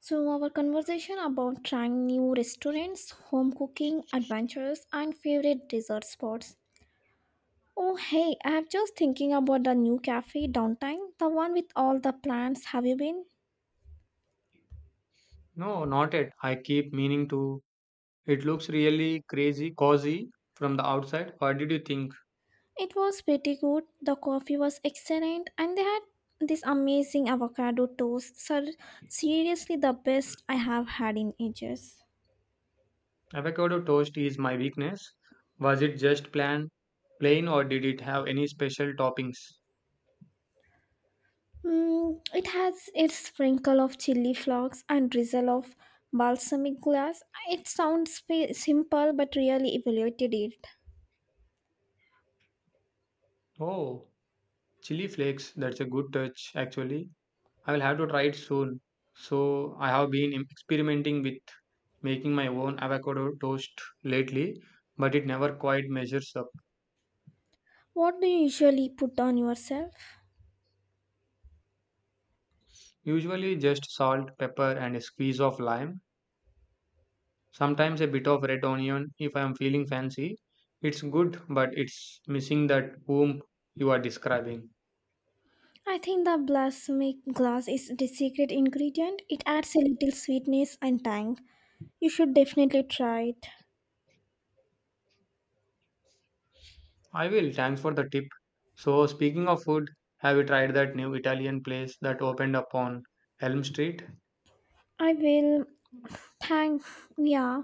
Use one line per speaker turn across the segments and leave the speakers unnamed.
So, our conversation about trying new restaurants, home cooking, adventures, and favorite dessert spots. Oh, hey, I'm just thinking about the new cafe downtown, the one with all the plants. Have you been?
No, not it. I keep meaning to. It looks really crazy, cozy from the outside. What did you think?
It was pretty good. The coffee was excellent, and they had this amazing avocado toast. Sir, seriously, the best I have had in ages.
Avocado toast is my weakness. Was it just plain, or did it have any special toppings?
Mm, it has its sprinkle of chili flakes and drizzle of balsamic glass. It sounds simple but really evaluated it.
Oh, chili flakes. That's a good touch, actually. I will have to try it soon. So I have been experimenting with making my own avocado toast lately, but it never quite measures up.
What do you usually put on yourself?
Usually just salt, pepper, and a squeeze of lime. Sometimes a bit of red onion if I am feeling fancy. It's good, but it's missing that whom you are describing.
I think the balsamic glass is the secret ingredient. It adds a little sweetness and tang. You should definitely try it.
I will, thanks for the tip. So, speaking of food, have you tried that new Italian place that opened up on Elm Street?
I will. Thank yeah,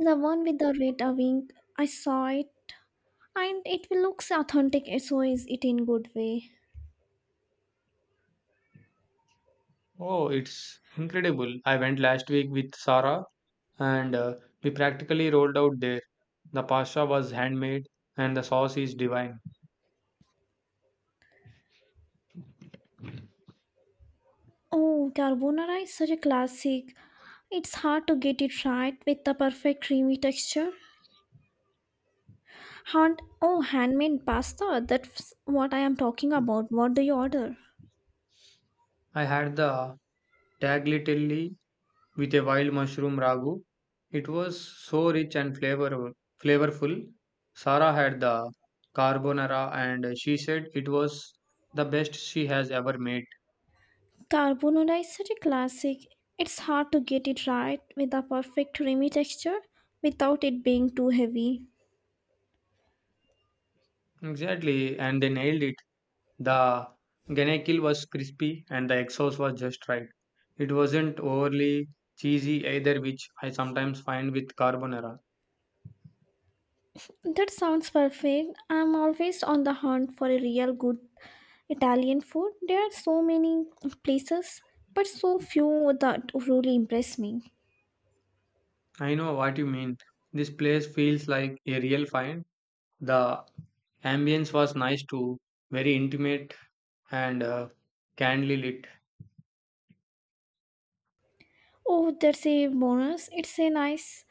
the one with the red wing. I saw it, and it looks authentic. So is it in good way?
Oh, it's incredible. I went last week with Sarah and we practically rolled out there. The pasta was handmade and the sauce is divine.
Oh, carbonara is such a classic. It's hard to get it right with the perfect creamy texture. Hand, oh, handmade pasta. That's what I am talking about. What do you order?
I had the tagliatelle with a wild mushroom ragu. It was so rich and flavorful. Sarah had the carbonara and she said it was the best she has ever made.
Carbonara is such a classic. It's hard to get it right with the perfect creamy texture without it being too heavy.
Exactly, and they nailed it. The ganekil was crispy and the egg sauce was just right. It wasn't overly cheesy either, which I sometimes find with carbonara.
That sounds perfect. I'm always on the hunt for a real good Italian food. There are so many places, but so few that really impress me.
I know what you mean. This place feels like a real find. The ambience was nice too, very intimate and kindly lit.
Oh, that's a bonus. It's a nice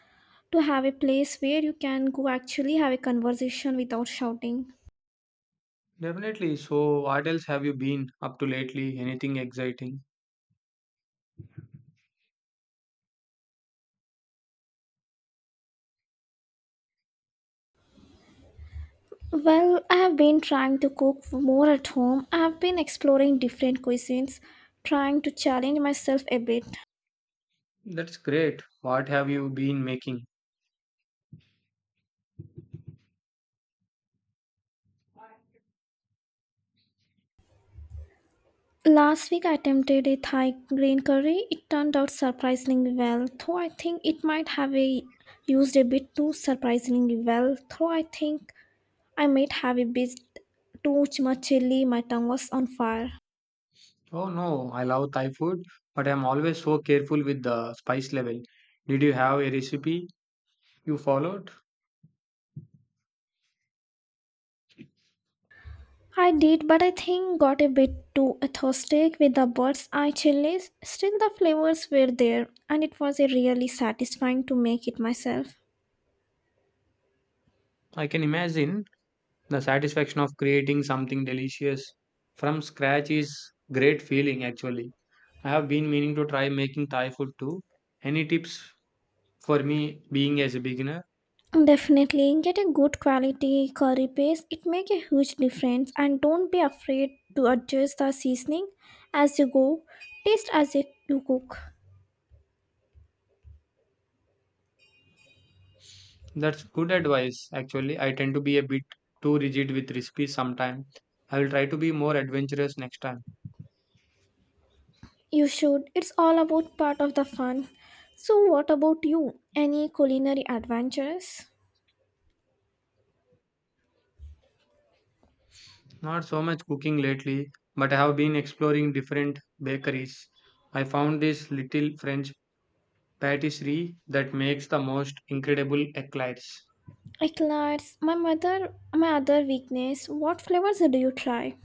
to have a place where you can go actually have a conversation without shouting.
Definitely. So, what else have you been up to lately? Anything exciting?
Well, I have been trying to cook more at home. I have been exploring different cuisines, trying to challenge myself a bit.
That's great. What have you been making?
Last week I attempted a Thai green curry. It turned out surprisingly well, though I think it might have a used a bit too surprisingly well, though I think I might have a bit too much chili, my tongue was on fire.
Oh no, I love Thai food, but I'm always so careful with the spice level. Did you have a recipe you followed?
I did, but I think got a bit too authentic with the bird's eye chilies. Still, the flavors were there, and it was a really satisfying to make it myself.
I can imagine the satisfaction of creating something delicious from scratch is great feeling actually. I have been meaning to try making Thai food too. Any tips for me being as a beginner?
Definitely get a good quality curry paste. It make a huge difference, and don't be afraid to adjust the seasoning as you go. Taste as you cook.
That's good advice. Actually, I tend to be a bit too rigid with recipes sometimes. I will try to be more adventurous next time.
You should. It's all about part of the fun. So, what about you? Any culinary adventures?
Not so much cooking lately, but I have been exploring different bakeries. I found this little French patisserie that makes the most incredible eclairs.
Eclairs. My mother, my other weakness. What flavors do you try?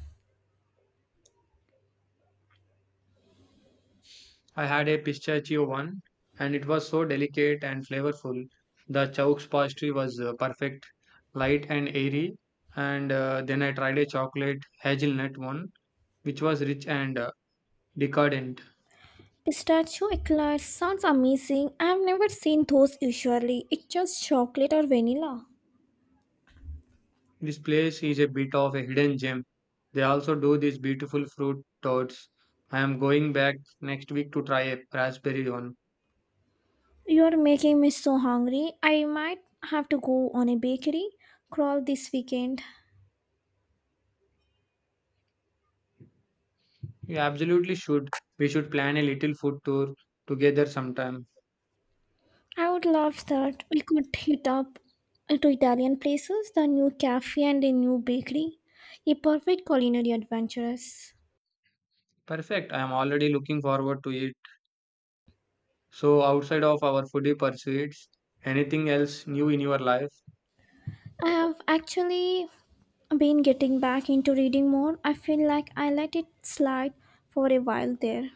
I had a pistachio one, and it was so delicate and flavorful. The chaux pastry was perfect, light and airy. And then I tried a chocolate hazelnut one, which was rich and decadent.
Pistachio eclairs sounds amazing. I've never seen those usually. It's just chocolate or vanilla.
This place is a bit of a hidden gem. They also do these beautiful fruit torts. I am going back next week to try a raspberry one.
You're making me so hungry. I might have to go on a bakery crawl this weekend.
You absolutely should. We should plan a little food tour together sometime.
I would love that. We could hit up to Italian places, the new cafe and a new bakery. A perfect culinary adventurous.
Perfect. I am already looking forward to it. So, outside of our foodie pursuits, anything else new in your life?
I have actually been getting back into reading more. I feel like I let it slide for a while there.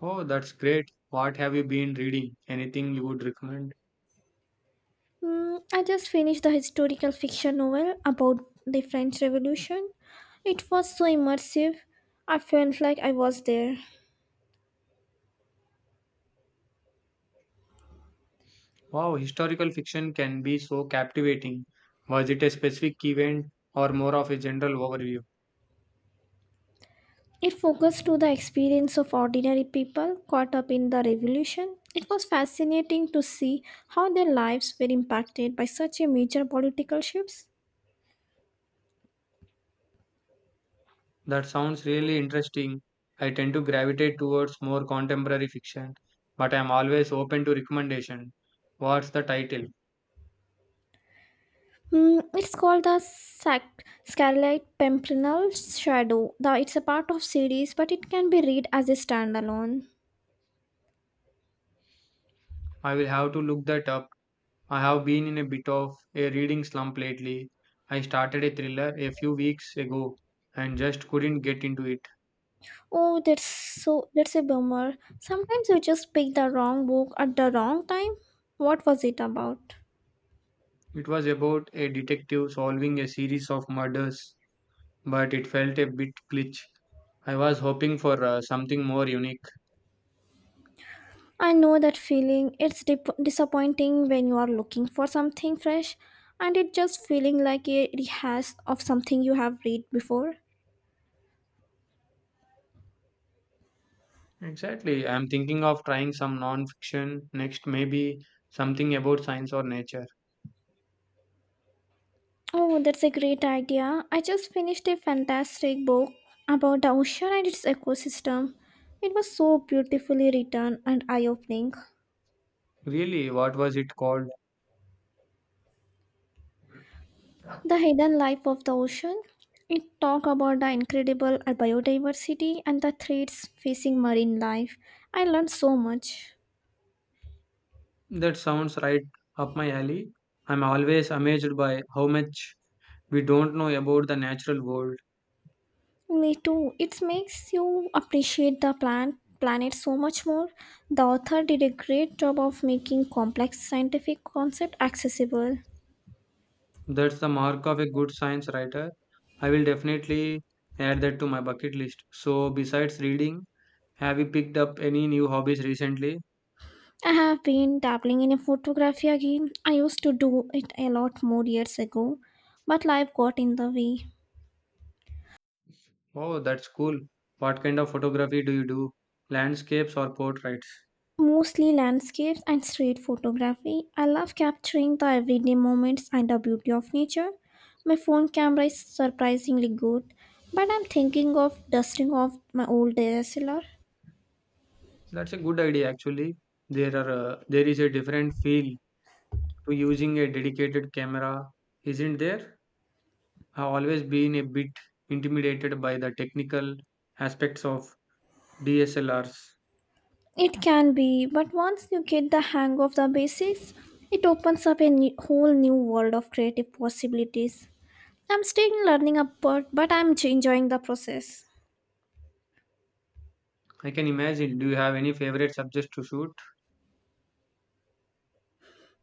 Oh, that's great. What have you been reading? Anything you would recommend?
Mm, I just finished the historical fiction novel about the French Revolution. It was so immersive. I felt like I was there.
Wow, historical fiction can be so captivating. Was it a specific event or more of a general overview?
It focused to the experience of ordinary people caught up in the revolution. It was fascinating to see how their lives were impacted by such a major political shifts.
That sounds really interesting. I tend to gravitate towards more contemporary fiction, but I'm always open to recommendation. What's the title?
Mm, it's called the Scarlet Pimpernel Shadow. The, it's a part of series, but it can be read as a standalone.
I will have to look that up. I have been in a bit of a reading slump lately. I started a thriller a few weeks ago and just couldn't get into it.
Oh, that's so that's a bummer. Sometimes you just pick the wrong book at the wrong time. What was it about?
It was about a detective solving a series of murders, but it felt a bit glitch. I was hoping for something more unique.
I know that feeling. It's disappointing when you are looking for something fresh, and it just feeling like a rehash of something you have read before.
Exactly. I'm thinking of trying some non-fiction next, maybe something about science or nature.
Oh, that's a great idea. I just finished a fantastic book about the ocean and its ecosystem. It was so beautifully written and eye-opening.
Really, what was it called?
The hidden life of the ocean. It talked about the incredible biodiversity and the threats facing marine life. I learned so much.
That sounds right up my alley. I'm always amazed by how much we don't know about the natural world.
Me too. It makes you appreciate the plant planet so much more. The author did a great job of making complex scientific concept accessible.
That's the mark of a good science writer. I will definitely add that to my bucket list. So, besides reading, have you picked up any new hobbies recently?
I have been dabbling in photography again. I used to do it a lot more years ago, but life got in the way.
Oh, that's cool. What kind of photography do you do? Landscapes or portraits?
Mostly landscapes and street photography. I love capturing the everyday moments and the beauty of nature. My phone camera is surprisingly good, but I'm thinking of dusting off my old DSLR.
That's a good idea actually. There is a different feel to using a dedicated camera, isn't there? I've always been a bit intimidated by the technical aspects of DSLRs.
It can be, but once you get the hang of the basics, it opens up a whole new world of creative possibilities. I'm still learning upward, but I'm enjoying the process.
I can imagine. Do you have any favorite subjects to shoot?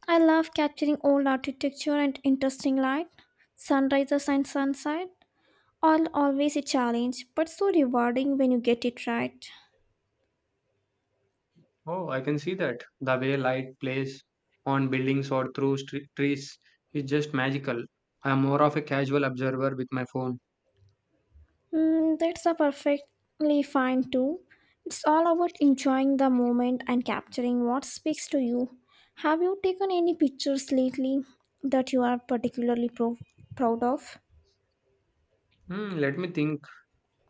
I love capturing old architecture and interesting light, sunrises and sunset. All always a challenge, but so rewarding when you get it right.
Oh, I can see that. The way light plays on buildings or through stre trees is just magical. I'm more of a casual observer with my phone.
Mm, that's a perfectly fine too. It's all about enjoying the moment and capturing what speaks to you. Have you taken any pictures lately that you are particularly proud of?
Hmm, let me think.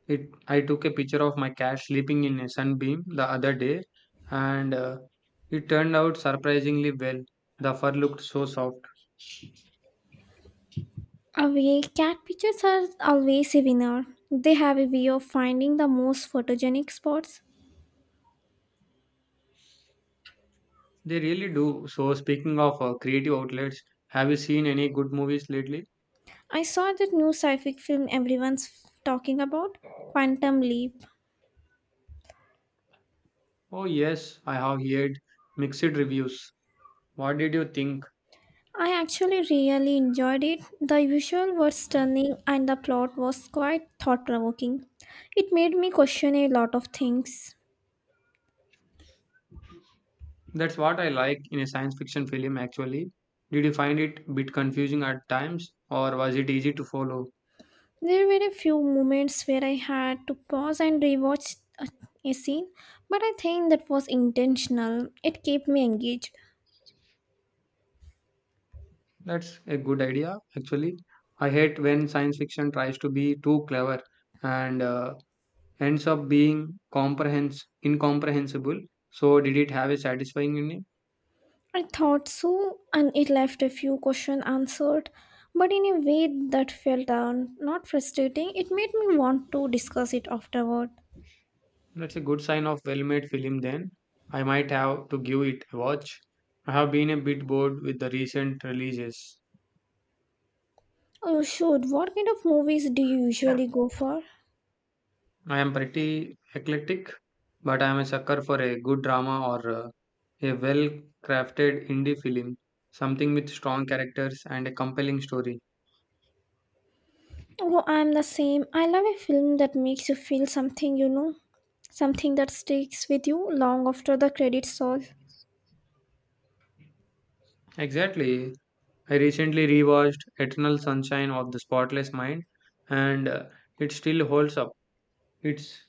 It. I took a picture of my cat sleeping in a sunbeam the other day, and it turned out surprisingly well. The fur looked so soft.
Away, cat pictures are always a winner. They have a way of finding the most photogenic spots.
They really do. So, speaking of creative outlets, have you seen any good movies lately?
I saw that new sci-fi film everyone's talking about, Quantum Leap.
Oh yes, I have heard mixed reviews. What did you think?
I actually really enjoyed it. The visual was stunning and the plot was quite thought-provoking. It made me question a lot of things.
That's what I like in a science fiction film. Actually, did you find it a bit confusing at times, or was it easy to follow?
There were a few moments where I had to pause and rewatch a scene, but I think that was intentional. It kept me engaged.
That's a good idea, actually. I hate when science fiction tries to be too clever and ends up being incomprehensible. So, did it have a satisfying ending?
I thought so, and it left a few questions answered, but in a way that felt not frustrating. It made me want to discuss it afterward.
That's a good sign of well made film, then. I might have to give it a watch. I have been a bit bored with the recent releases.
Oh, shoot, what kind of movies do you usually go for?
I am pretty eclectic, but I am a sucker for a good drama or a well crafted indie film, something with strong characters and a compelling story.
Oh, I'm the same. I love a film that makes you feel something, you know, something that sticks with you long after the credits roll.
Exactly. I recently rewatched Eternal Sunshine of the Spotless Mind and it still holds up. It's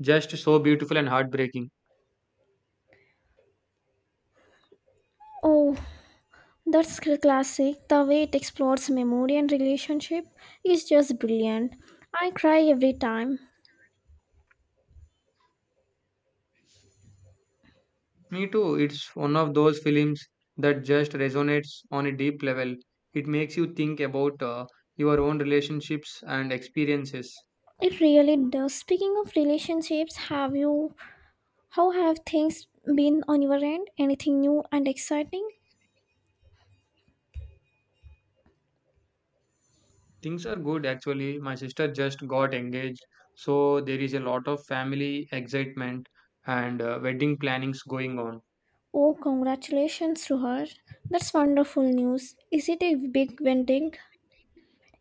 just so beautiful and heartbreaking.
Oh, that's classic. The way it explores memory and relationship is just brilliant. I cry every time.
Me too. It's one of those films that just resonates on a deep level. It makes you think about your own relationships and experiences.
It really does. Speaking of relationships, have you how have things been on your end? Anything new and exciting?
Things are good actually. My sister just got engaged, so there is a lot of family excitement and wedding plannings going on.
Oh, congratulations to her. That's wonderful news. Is it a big wedding?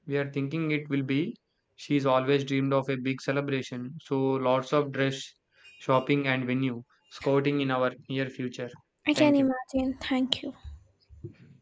We are thinking it will be. She's always dreamed of a big celebration, so lots of dress shopping and venue scouting in our near future.
I can
Thank you.
imagine. Thank you.